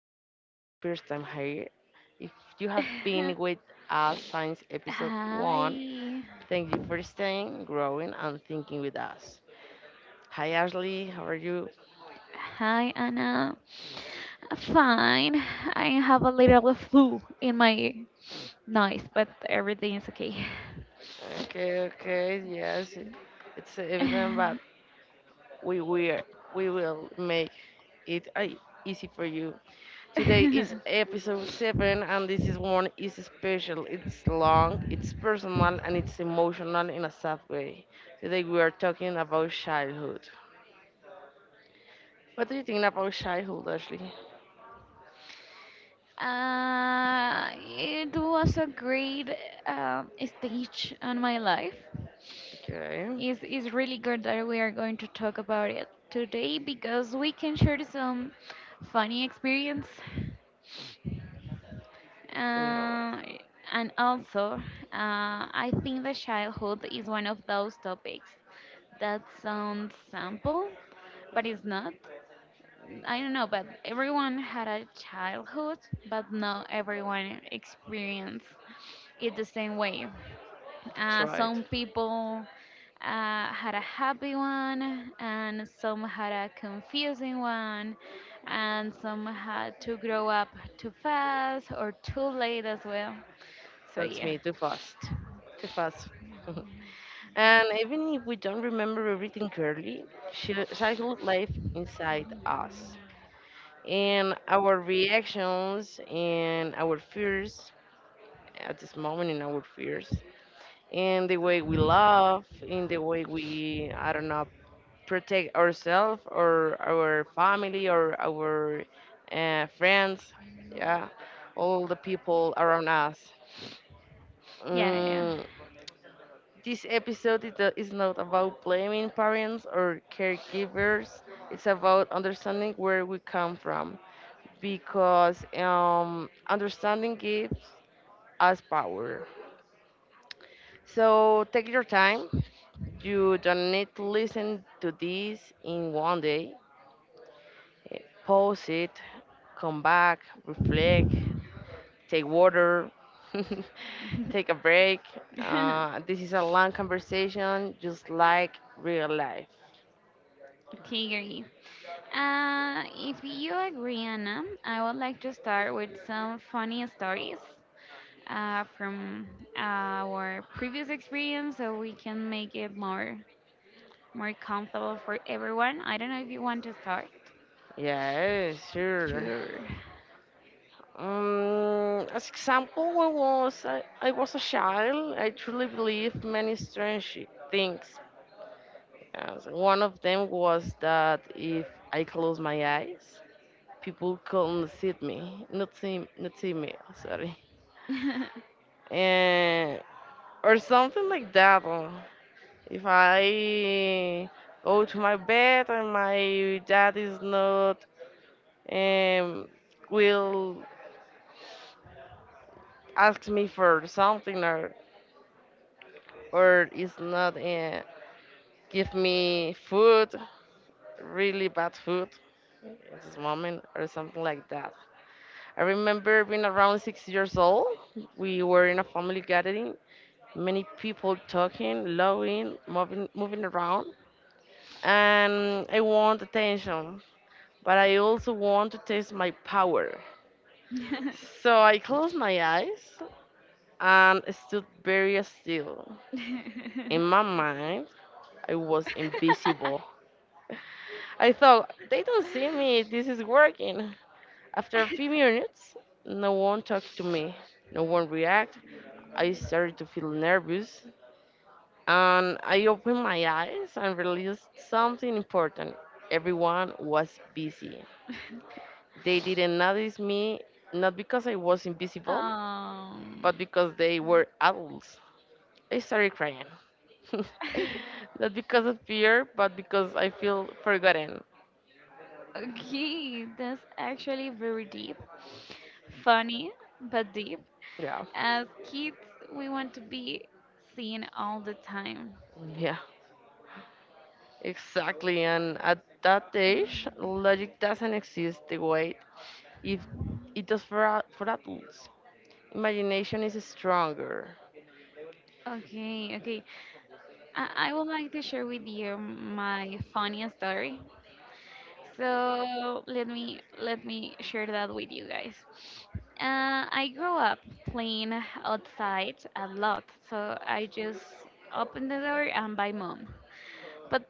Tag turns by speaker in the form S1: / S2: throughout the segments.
S1: if this is your first time here, if you have been with us since episode one,
S2: Hi.
S1: thank you for staying, growing, and thinking with us. Hi, Ashley, how are you?
S2: Hi, Anna. Fine. I have a little flu in my noise, but everything is okay.
S1: Okay, okay, yes, it's evident, but
S2: uh,
S1: we will, we will make it easy for you. Today is episode 7, and this is one is special. It's long, it's personal, and it's emotional in a sad way. Today we are talking about childhood. What do you think about childhood, Ashley?
S2: it was a great uh, stage on my life.
S1: Okay,
S2: It's really good that we are going to talk about it today because we can share some funny experience.
S1: no,
S2: Uh, and also, I think that childhood is one of those topics that sounds simple, but it's not. I don't know, but everyone had a childhood, but not everyone experienced it the same way.
S1: that's
S2: Uh,
S1: right.
S2: some people had a happy one, and some had a confusing one, and some had to grow up too fast or too late as well. So
S1: That's
S2: yeah,
S1: me, too fast. Too fast. And even if we don't remember everything clearly, childhood life inside us. And our reactions and our fears at this moment in our fears in the way we love, in the way we, I don't know, protect ourselves or our family or our friends, yeah, all the people around us.
S2: yeah,
S1: Mm, this episode is not about blaming parents or caregivers. It's about understanding where we come from because understanding gives us power. So take your time. You don't need to listen to this in 1 day. Eh, Pause it, come back, reflect, take water, take a break.
S2: yeah.
S1: This is a long conversation, just like real life.
S2: Okay, agree. If you agree, Anna, I would like to start with some funny stories from our previous experience, so we can make it more comfortable for everyone. I don't know if you want to start.
S1: Yeah, sure.
S2: Sure.
S1: As example, when was a child, I truly believed many strange things. As one of them was that if I close my eyes, people couldn't see me, not see me, sorry, and or something like that. Or if I go to my bed and my dad is not um will ask me for something or is not give me food, really bad food at this moment or something like that. I remember being around 6 years old. We were in a family gathering, many people talking, loving, moving around, and I want attention, but I also want to test my power. So I closed my eyes and stood very still. In my mind, I was invisible. I thought, they don't see me, this is working. After a few minutes, no one talked to me, no one reacted. I started to feel nervous, and I opened my eyes and realized something important. Everyone was busy. They didn't notice me, not because I was invisible,
S2: um,
S1: but because they were adults. I started crying. Not because of fear, but because I feel forgotten.
S2: okay, that's actually very deep. Funny, but deep.
S1: Yeah,
S2: As kids, we want to be seen all the time.
S1: yeah, exactly. And at that age, logic doesn't exist the way if it does for, for adults. Imagination is stronger.
S2: Okay, okay. I would like to share with you my funniest story. So let me share that with you guys. I grew up playing outside a lot, so I just open the door and by mom. But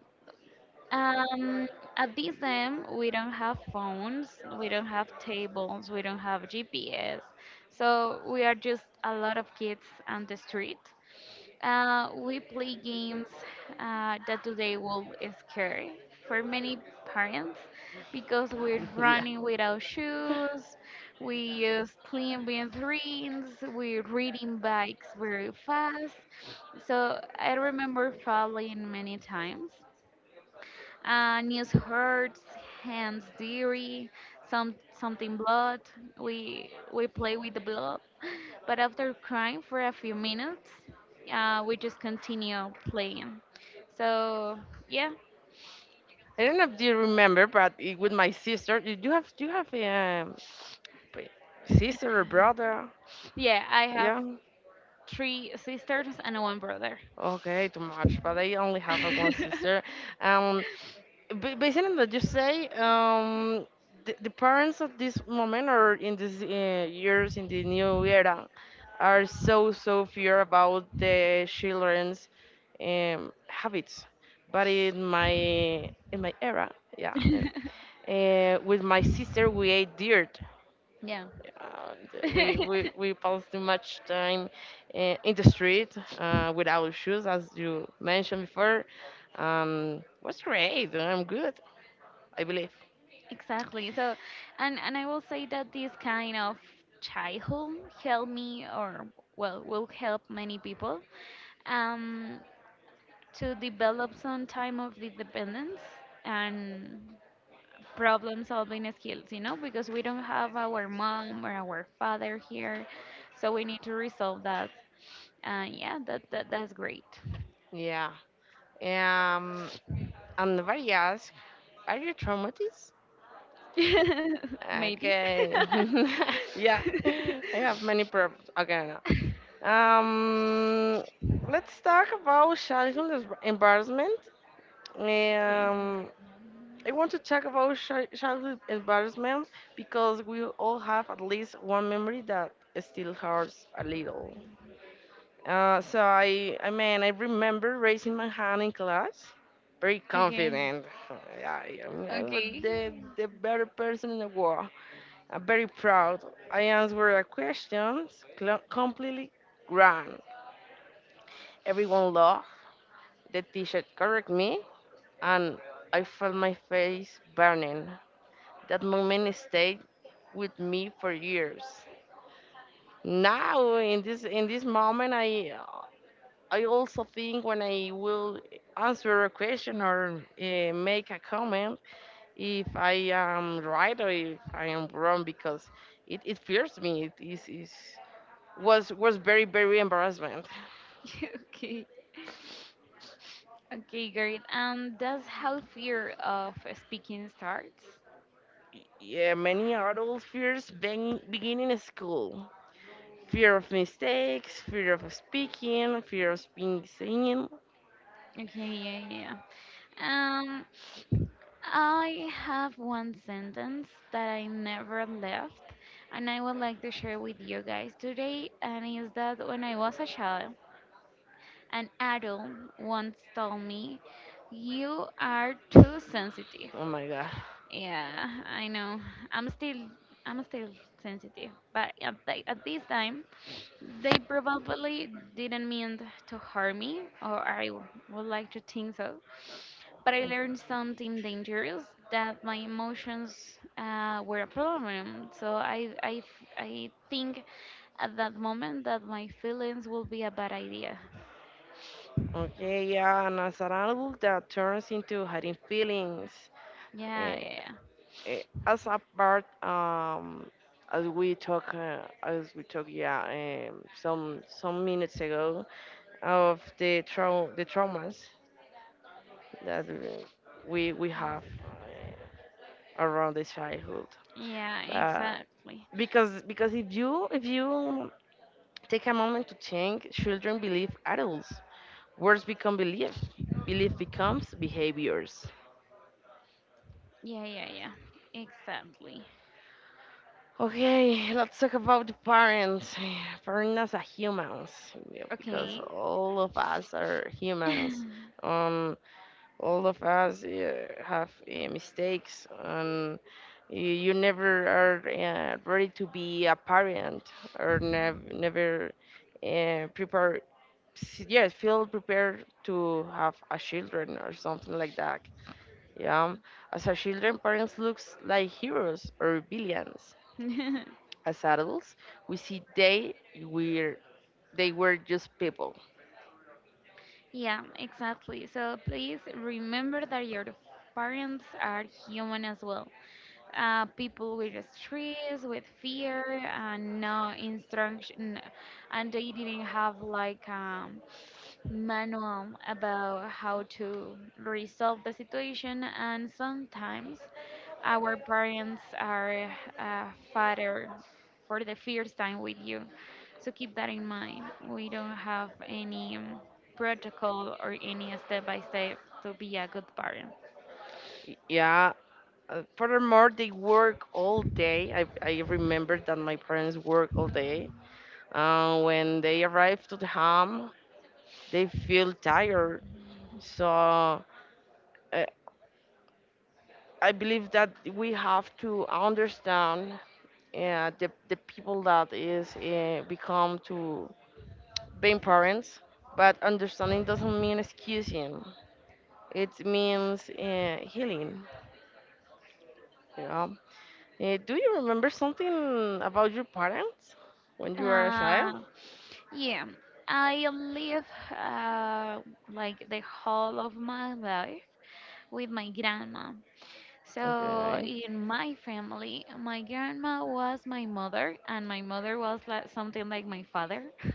S2: um, at this time, we don't have phones, we don't have tables, we don't have GPS, so we are just a lot of kids on the street. We play games that today will scare for many parents because we're
S1: Yeah.
S2: running without shoes, we use clean rings, we're reading bikes very fast. So I remember falling many times. News hurts, hands dirty, something blood. We play with the blood, but after crying for a few minutes, we just continue playing. So yeah,
S1: I don't know if you remember, but it, with my sister, you you have p- sister or brother?
S2: yeah, I have
S1: Yeah.
S2: three sisters and one brother.
S1: Okay, too much. But I only have one sister. Um, based on that you say, the parents of this moment or in these years in the new era are so so fear about the children's habits. But in my era, yeah, with my sister we ate dirt.
S2: Yeah.
S1: We pass too much time uh, in the street without shoes, as you mentioned before. Was great. I'm good, I believe.
S2: Exactly. So and I will say that this kind of childhood help me, or well, will help many people. Um, to develop some time of independence and problem solving skills, you know, because we don't have our mom or our father here. So we need to resolve that. And yeah, that's great.
S1: Yeah. Um, and nobody asked, are you traumatized?
S2: Maybe.
S1: Okay. Yeah. I have many problems. Okay, now. Um, let's talk about childhood embarrassment.
S2: Okay.
S1: Um, I want to talk about childhood embarrassment because we all have at least one memory that still hurts a little. I remember raising my hand in class, very
S2: Okay.
S1: confident. Yeah, I'm
S2: Okay.
S1: the better person in the world. I'm very proud. I answered a question completely grand. Everyone laughed. The teacher corrected me, and I felt my face burning. That moment stayed with me for years. Now, in this moment, I also think when I will answer a question or make a comment, if I am right or if I am wrong, because it fears me. It is was very very embarrassment.
S2: Okay. Okay, great. And that's how fear of speaking starts.
S1: Yeah, many adults fears being beginning school. Fear of mistakes, fear of speaking, fear of being seen.
S2: Okay, yeah, yeah, yeah. I have one sentence that I never left, and I would like to share with you guys today, and is that when I was a child, an adult once told me, "You are too sensitive."
S1: Oh my god.
S2: Yeah, I know. I'm still I'm still sensitive, but at this time, they probably didn't mean to harm me, or I would like to think so. But I learned something dangerous that my emotions were a problem. So I think at that moment that my feelings will be a bad idea.
S1: Okay, yeah, and as an adult that turns into hiding feelings.
S2: Yeah,
S1: eh,
S2: yeah,
S1: as a part, as we talk, yeah, some minutes ago of the trau the traumas that we have uh, around the childhood.
S2: yeah,
S1: But
S2: exactly.
S1: because if you take a moment to think, children believe adults. Words become belief. Belief becomes behaviors.
S2: Yeah, yeah, yeah, exactly.
S1: Okay, let's talk about the parents. Parents are humans, yeah, because
S2: Okay,
S1: all of us are humans. Um, all of us have mistakes, and you never are ready to be a parent or never prepare. Yes, feel prepared to have a children or something like that. Yeah, as a children, parents looks like heroes or villains. As adults, we see were they were just people.
S2: yeah, exactly. So please remember that your parents are human as well. People with stress, with fear, and no instruction, and they didn't have like a manual about how to resolve the situation. And sometimes our parents are uh, father for the first time with you. So keep that in mind. We don't have any protocol or any step by step to be a good parent.
S1: Yeah. Furthermore, they work all day. I remember that my parents work all day. When they arrive to the home, they feel tired. So uh, I believe that we have to understand the people that is become to being parents. But understanding doesn't mean excusing. It means healing. Yeah. Eh, do you remember something about your parents when you were a
S2: Uh,
S1: child?
S2: yeah, I live uh, like the whole of my life with my grandma. So
S1: Okay.
S2: in my family, my grandma was my mother, and my mother was like something like my father.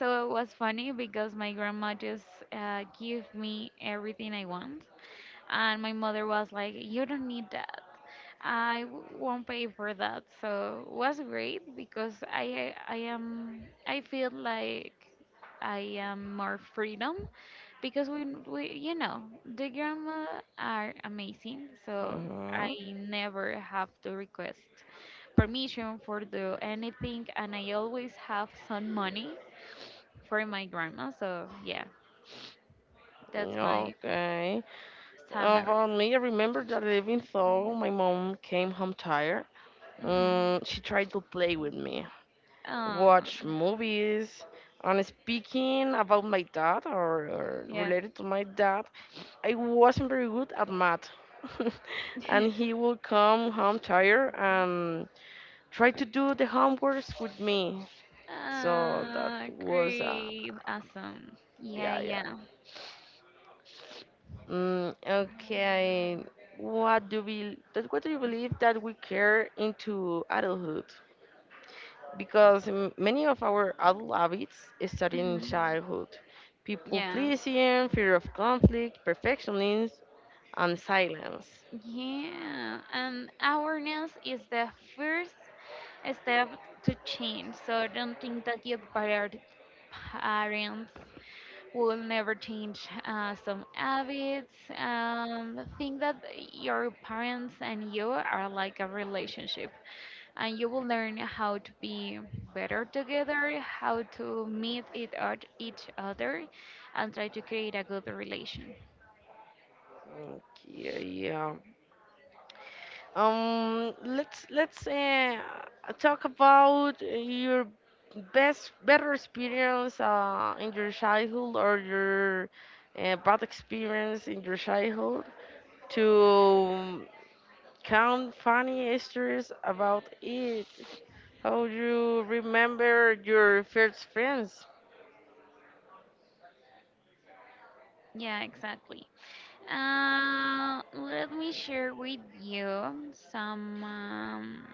S2: So it was funny because my grandma just gave me everything I want, and my mother was like, "You don't need that. I won't pay for that." So it was great because I feel like I am more freedom because we you know the grandma are amazing. So I
S1: Mm-hmm.
S2: never have to request permission for do anything, and I always have some money for my grandma. So yeah, that's
S1: Yeah,
S2: my
S1: okay.
S2: summer.
S1: About me, I remember that even though my mom came home tired,
S2: Mhm.
S1: she tried to play with me, watch
S2: Um,
S1: movies. And speaking about my dad or
S2: yeah.
S1: related to my dad, I wasn't very good at math. And he would come home tired and try to do the homeworks with me. So that
S2: Ah,
S1: was uh,
S2: great, awesome. Yeah,
S1: yeah, yeah.
S2: yeah.
S1: Mm, okay. What do you believe that we care into adulthood? Because many of our adult habits start in
S2: Mhm.
S1: childhood. People
S2: Yeah,
S1: pleasing, fear of conflict, perfectionism, and silence.
S2: yeah. Awareness is the first step to change. So don't think that your parents will never change some habits. Think that your parents and you are like a relationship. And you will learn how to be better together, how to meet it at each other, and try to create a good relation.
S1: Okay, yeah. Let's talk about your best better experience in your childhood or your bad experience in your childhood to count funny stories about it. How you remember your first friends?
S2: Yeah, exactly. Let me share with you some um,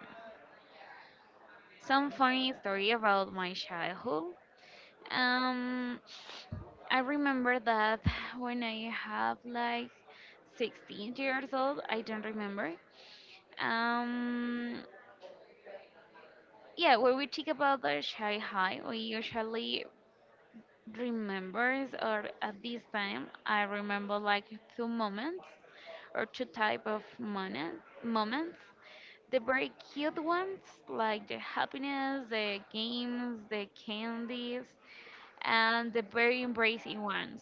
S2: some funny story about my childhood. Um, I remember that when I have like 16 years old, I don't remember. Um, Yeah, when we think about the Shanghai, we usually remembers, or at this time, I remember like two moments or two type of moments. The very cute ones, like the happiness, the games, the candies, and the very embracing ones.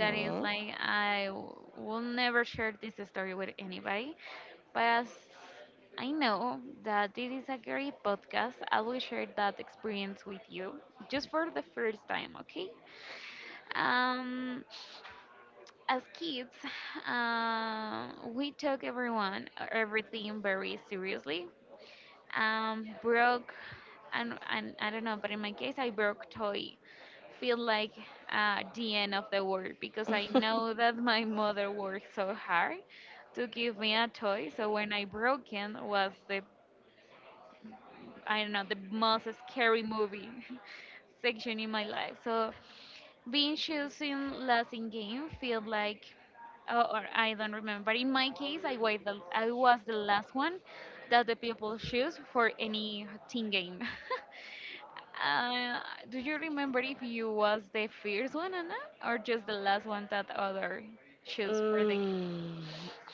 S2: That is like I will never share this story with anybody but as I know that this is a great podcast, I will share that experience with you just for the first time, okay? Um, as kids, we took everything very seriously. Broke, and I don't know, but in my case, I broke toy. Feel like the end of the world because I know that my mother worked so hard to give me a toy. So when I broke it was the I don't know, the most scary movie section in my life. So being choosing last in game feel like or I don't remember. But in my case, I was I was the last one that the people choose for any team game. uh, do you remember if you was the first one, Anna, or just the last one that other choose for the game?
S1: Mm,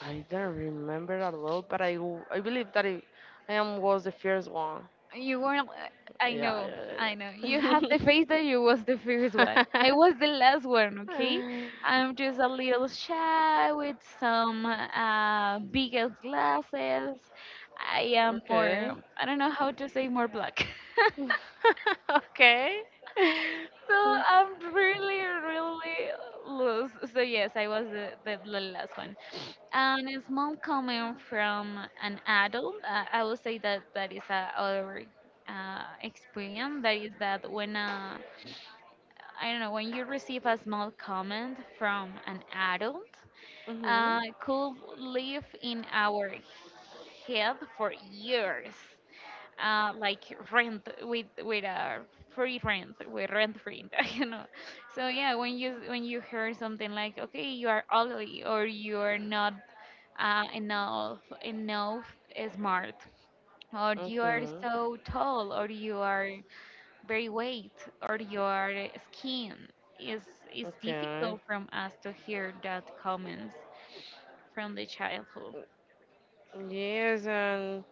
S1: I don't remember that well, but I believe that I am was the first one.
S2: You weren't. I
S1: Yeah,
S2: know,
S1: yeah,
S2: I know. You have the
S1: yeah.
S2: face that you was the first one.
S1: Yeah.
S2: I was the last one, okay? I'm just a little shy with some bigger glasses. I am more,
S1: Okay.
S2: I don't know how to say more black.
S1: Okay.
S2: So I'm really, really loose. So yes, I was the last one. And a small comment from an adult. I would say that that is a other experience. That is that when I don't know when you receive a small comment from an adult,
S1: Mhm.
S2: could live in our head for years like rent with a free rent with rent free you know, so yeah, when you hear something like okay you are ugly or you are not enough smart or you are
S1: Mhm.
S2: so tall or you are very weight or your skin is is
S1: Okay.
S2: difficult from us to hear that comments from the childhood,
S1: Yes, and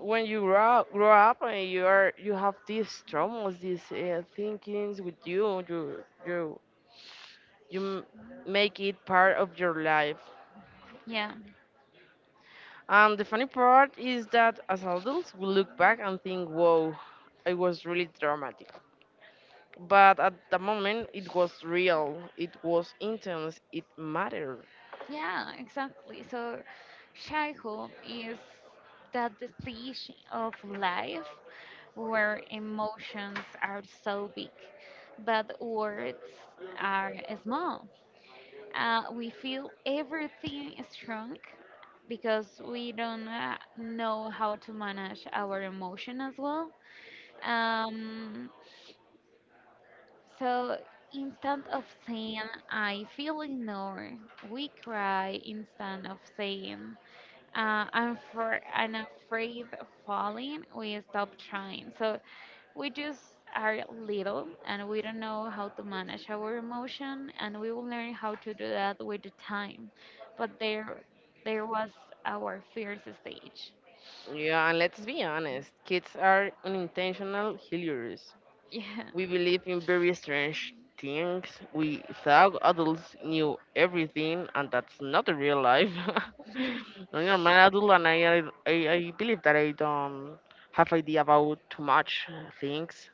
S1: when you grow up and you have these traumas, these thinkings with you, you make it part of your life.
S2: yeah.
S1: And the funny part is that as adults, we look back and think, whoa, it was really dramatic. But at the moment, it was real, it was intense, it mattered.
S2: Yeah, exactly. So, childhood is that the stage of life where emotions are so big, but words are small. We feel everything strong because we don't know how to manage our emotion as well. Um, so instead of saying I feel ignored, we cry instead of saying uh, and for an afraid of falling, we stop trying. So we just are little and we don't know how to manage our emotion, and we will learn how to do that with the time. But there was our fierce stage.
S1: Yeah, and let's be honest, kids are unintentional healers.
S2: Yeah.
S1: We believed in very strange things. We thought adults knew everything, and that's not the real life. I am an adult, and I believe that I don't have idea about too much things.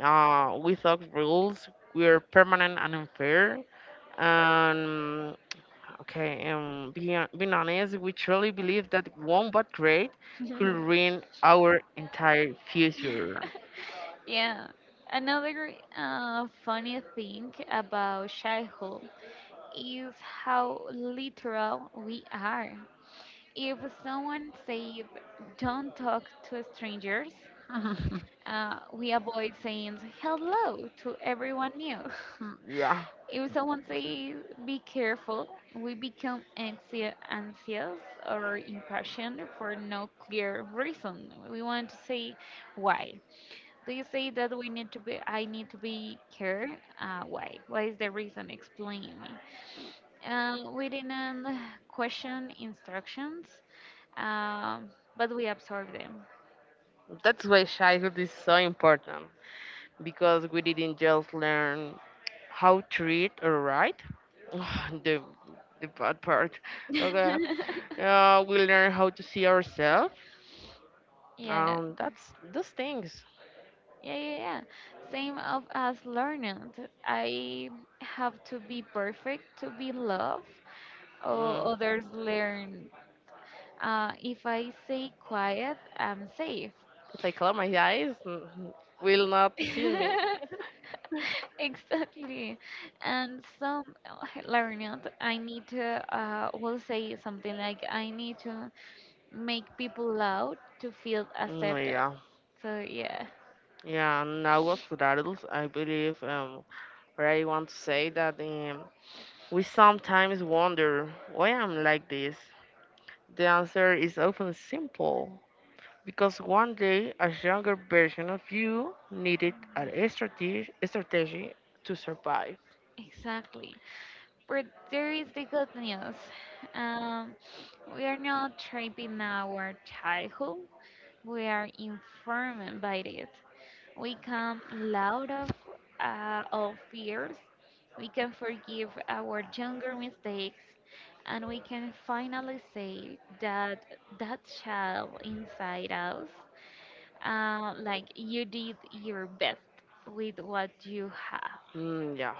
S1: We thought rules were permanent and unfair. And okay, being honest, we truly believe that one bad grade could ruin our entire future.
S2: Yeah. Another funny thing about childhood is how literal we are. If someone say don't talk to strangers, we avoid saying hello to everyone new.
S1: Yeah.
S2: If someone say be careful, we become anxious or impatient for no clear reason. We want to say why. Do you say that we need to be? I need to be care. Why? What is the reason? Explain me. We didn't question instructions um, but we absorb them.
S1: That's why childhood is so important because we didn't just learn how to read or write. the the bad part. Okay, we learn how to see ourselves.
S2: Yeah,
S1: That's those things.
S2: yeah, yeah, yeah. Same of as learning. I have to be perfect to be loved,
S1: Mm.
S2: or others learn. If I say quiet, I'm safe.
S1: If I close my eyes, mm, will not see me.
S2: Exactly. And some learning, will say something like, I need to make people loud to feel
S1: Mm,
S2: accepted.
S1: yeah,
S2: So, yeah.
S1: yeah. Now as for adults, I believe. What I want to say that we sometimes wonder why I'm like this. The answer is often simple because 1 day a younger version of you needed strategy to survive.
S2: Exactly. But there is the good news. Um, we are not trapping our childhood. We are informed by it. We come out of all fears. We can forgive our younger mistakes, and we can finally say that that child inside us, like you did your best with what you have.
S1: Mm, yeah,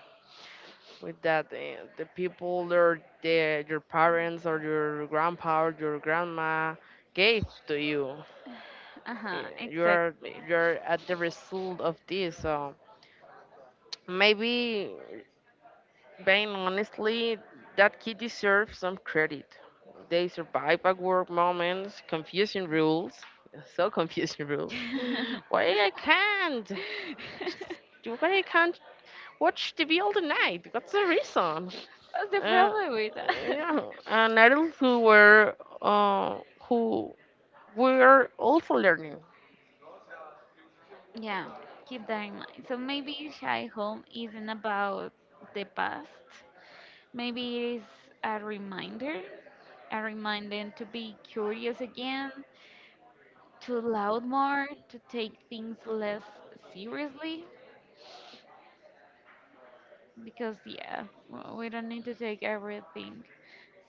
S1: with that, the people or your parents or your grandpa or your grandma gave to you,
S2: Uh
S1: uh,
S2: huh.
S1: you're
S2: Exactly.
S1: you're at the result of this. So maybe being honestly, that kid deserves some credit. They survive awkward moments, confusing rules, so confusing rules.
S2: What's
S1: Why I can't? Why I can't watch TV all the night? What's the reason?
S2: the
S1: Uh,
S2: problem with that?
S1: yeah, and adults who were also learning.
S2: Yeah, keep that in mind. So maybe shy home isn't about the past. Maybe it is a reminder, a reminder to be curious again, to loud more, to take things less seriously. Because yeah, we don't need to take everything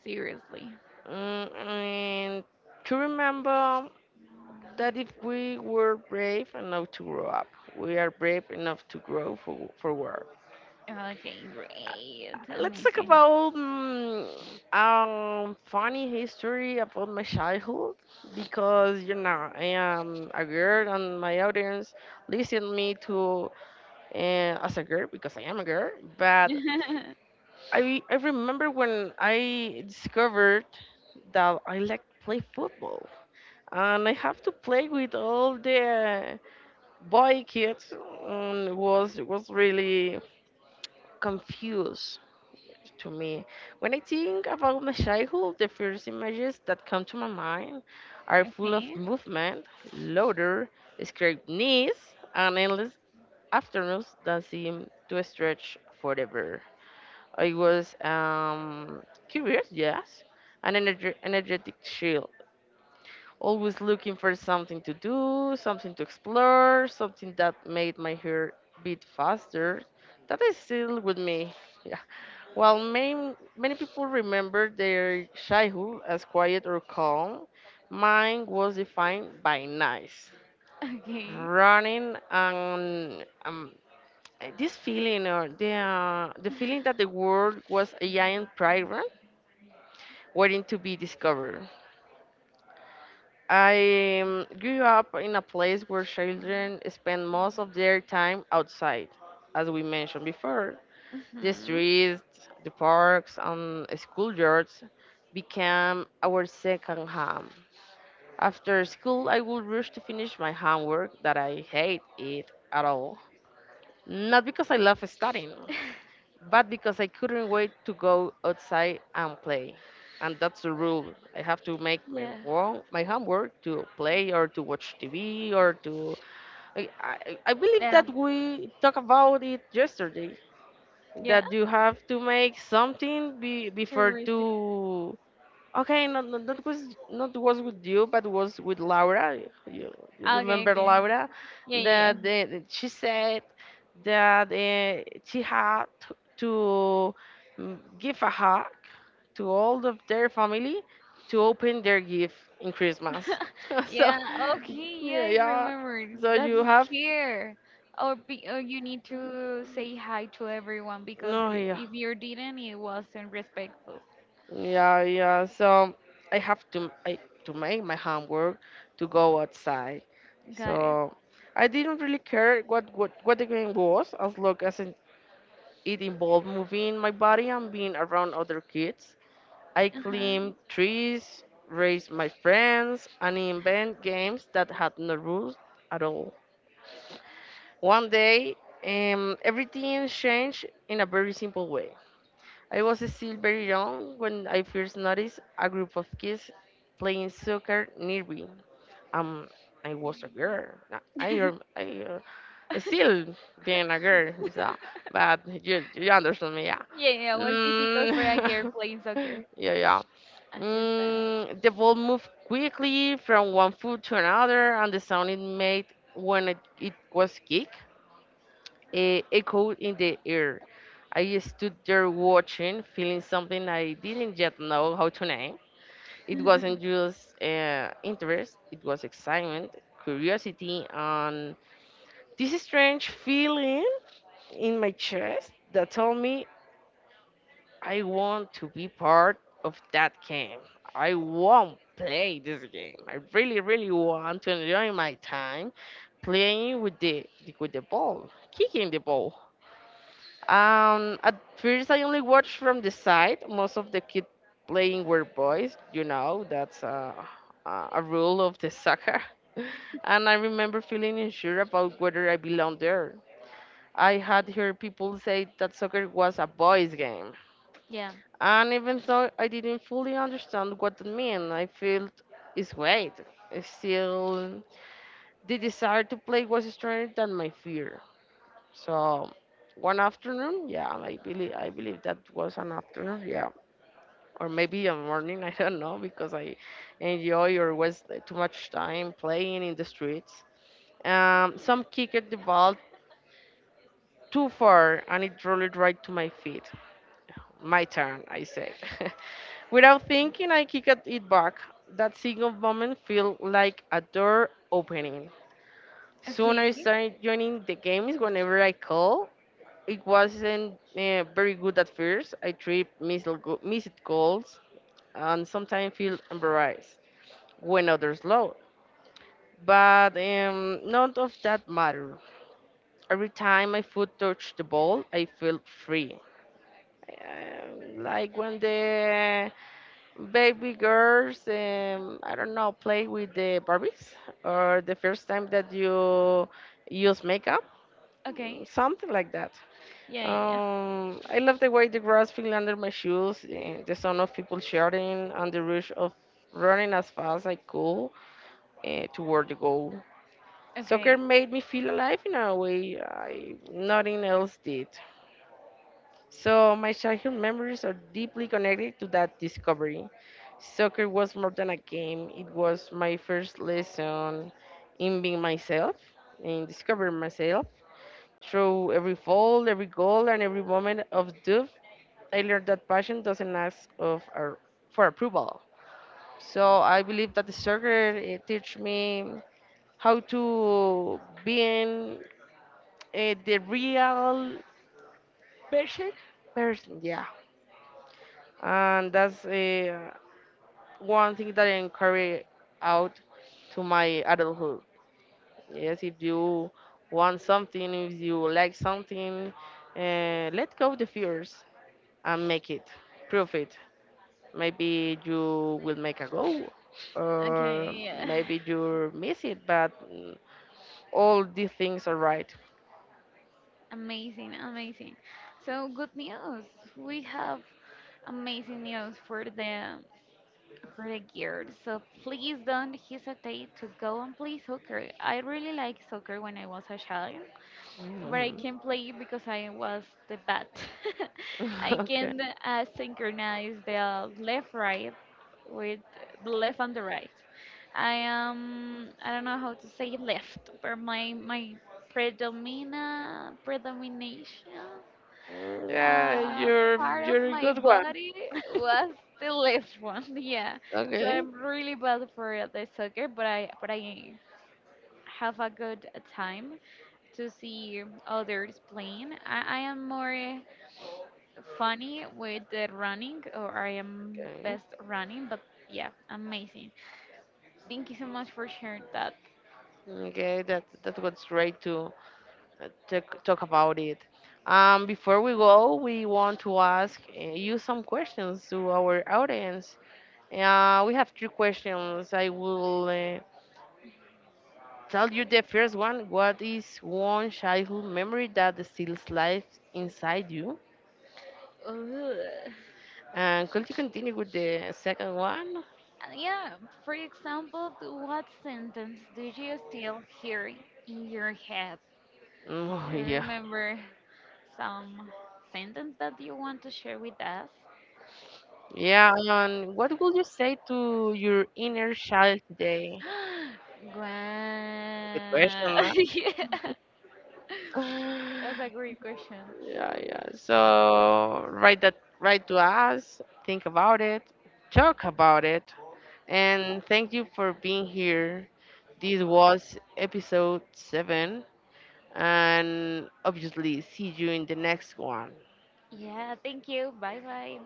S2: seriously.
S1: Mm, and to remember that if we were brave enough to grow up, we are brave enough to grow forward.
S2: Okay, great,
S1: Let's talk
S2: amazing.
S1: about mm, funny history about my childhood because you know I am a girl and my audience listen me to as a girl because I am a girl. But I remember when I discovered that I like play football and I have to play with all the boy kid, was really confused to me. When I think about my childhood, the first images that come to my mind are full of
S2: Okay,
S1: movement, laughter, scraped knees, and endless afternoons that seem to stretch forever. I was curious, yes, an energetic child, always looking for something to do, something to explore, something that made my hair beat faster. That is still with me. Yeah. While many, many people remember their childhood as quiet or calm, mine was defined by nice.
S2: okay.
S1: Running and this feeling or the feeling that the world was a giant playground waiting to be discovered. I grew up in a place where children spend most of their time outside, as we mentioned before. The
S2: Mm-hmm.
S1: streets, the parks, and schoolyards became our second home. After school, I would rush to finish my homework that I hate it at all. Not because I love studying, but because I couldn't wait to go outside and play. And that's the rule. I have to make my
S2: Yeah.
S1: my homework to play or to watch TV or to. I believe
S2: Yeah.
S1: that we talked about it yesterday
S2: Yeah.
S1: that you have to make something be, before
S2: Touristy.
S1: to. Okay, not that was not was with you, but was with Laura. You
S2: Okay,
S1: remember
S2: okay.
S1: Laura,
S2: Yeah, yeah.
S1: that the, she said that she had to, give a hug to all of their family to open their gift in Christmas. So
S2: Yeah, okay,
S1: yeah,
S2: yeah, I
S1: yeah.
S2: remember.
S1: So
S2: That's
S1: you have
S2: scare. Or you need to say hi to everyone because
S1: no, yeah.
S2: if you didn't, it wasn't respectful.
S1: Yeah, yeah. So I have to I, to make my homework to go outside.
S2: Got it.
S1: So I didn't really care what what the game was as long as it involved moving my body and being around other kids. I
S2: Uh-huh.
S1: climbed trees, raised my friends, and invent games that had no rules at all. One day, everything changed in a very simple way. I was still very young when I first noticed a group of kids playing soccer nearby. Um, I was a girl. I, I, still being a girl, so, but you understand me, yeah.
S2: Yeah, yeah, it was difficult for a girl
S1: Mm,
S2: playing soccer
S1: yeah, yeah.
S2: at this time.
S1: Mm, the ball moved quickly from one foot to another, and the sound it made when it was kicked, echoed in the air. I stood there watching, feeling something I didn't yet know how to name. It wasn't just interest, it was excitement, curiosity, and this strange feeling in my chest that told me I want to be part of that game. I want to play this game. I really, really want to enjoy my time playing with the ball, kicking the ball. At first, I only watched from the side. Most of the kids playing were boys. You know, that's a rule of the soccer. And I remember feeling unsure about whether I belonged there. I had heard people say that soccer was a boys' game.
S2: Yeah.
S1: And even though I didn't fully understand what that meant, I felt its weight. Still, the desire to play was stronger than my fear. So one afternoon, yeah, I believe that was an afternoon, yeah, or maybe a morning. I don't know because I enjoy or waste too much time playing in the streets. Some kicked the ball too far and it rolled right to my feet. My turn, I said. Without thinking, I kicked it back. That single moment felt like a door opening. Soon
S2: Okay.
S1: I started joining the games whenever I call. It wasn't very good at first. I trip, missed, missed goals, and sometimes feel embarrassed when others low. But none of that mattered. Every time my foot touched the ball, I felt free. Like when the baby girls, I don't know, play with the Barbies, or the first time that you use makeup,
S2: Okay.
S1: something like that.
S2: Yeah, yeah, yeah.
S1: I love the way the grass fell under my shoes, the sound of people shouting, and the rush of running as fast as I could, toward the goal. Soccer
S2: Okay.
S1: made me feel alive in a way I, nothing else did. So my childhood memories are deeply connected to that discovery. Soccer was more than a game; it was my first lesson in being myself, in discovering myself through every fall, every goal, and every moment of doubt. I learned that passion doesn't ask of our, for approval. So I believe that the soccer it teach me how to be in, the real
S2: Version?
S1: person. Yeah, and that's one thing that I carry out to my adulthood. Yes, if you want something, if you like something, let go the fears and make it, prove it. Maybe you will make a goal
S2: Okay,
S1: or
S2: yeah.
S1: maybe you miss it, but mm, all these things are right.
S2: Amazing, amazing. So good news. We have amazing news for the gear. So please don't hesitate to go and play soccer. I really like soccer when I was a child, but I
S1: Mhm.
S2: can't play it because I was the bat. I
S1: Okay.
S2: can synchronize the left right with the left and the right. I don't know how to say left, but my predomina predomination
S1: Mm, yeah, you're
S2: part of
S1: you're a
S2: my
S1: good one.
S2: body was the left one. Yeah, so
S1: Okay.
S2: I'm really bad for the soccer, but I have a good time to see others playing. I am more funny with the running, or I am
S1: Okay.
S2: best running, but yeah, amazing. Thank you so much for sharing that.
S1: Okay, that that was great to talk about it. Before we go, we want to ask, you some questions to our audience. We have three questions. I will, tell you the first one. What is one childhood memory that still lives inside you?
S2: Ugh.
S1: And could you continue with the second one?
S2: And yeah, for example, what sentence do you still hear in your head?
S1: Oh, yeah.
S2: Remember some sentence that you want to share with us?
S1: Yeah, and what would you say to your inner child today? Good
S2: Wow.
S1: question, huh?
S2: Yeah. That's a great question.
S1: Yeah, yeah. So write that, write to us, think about it, talk about it. And thank you for being here. This was episode 7, and obviously see you in the next one.
S2: Yeah, thank you. Bye bye.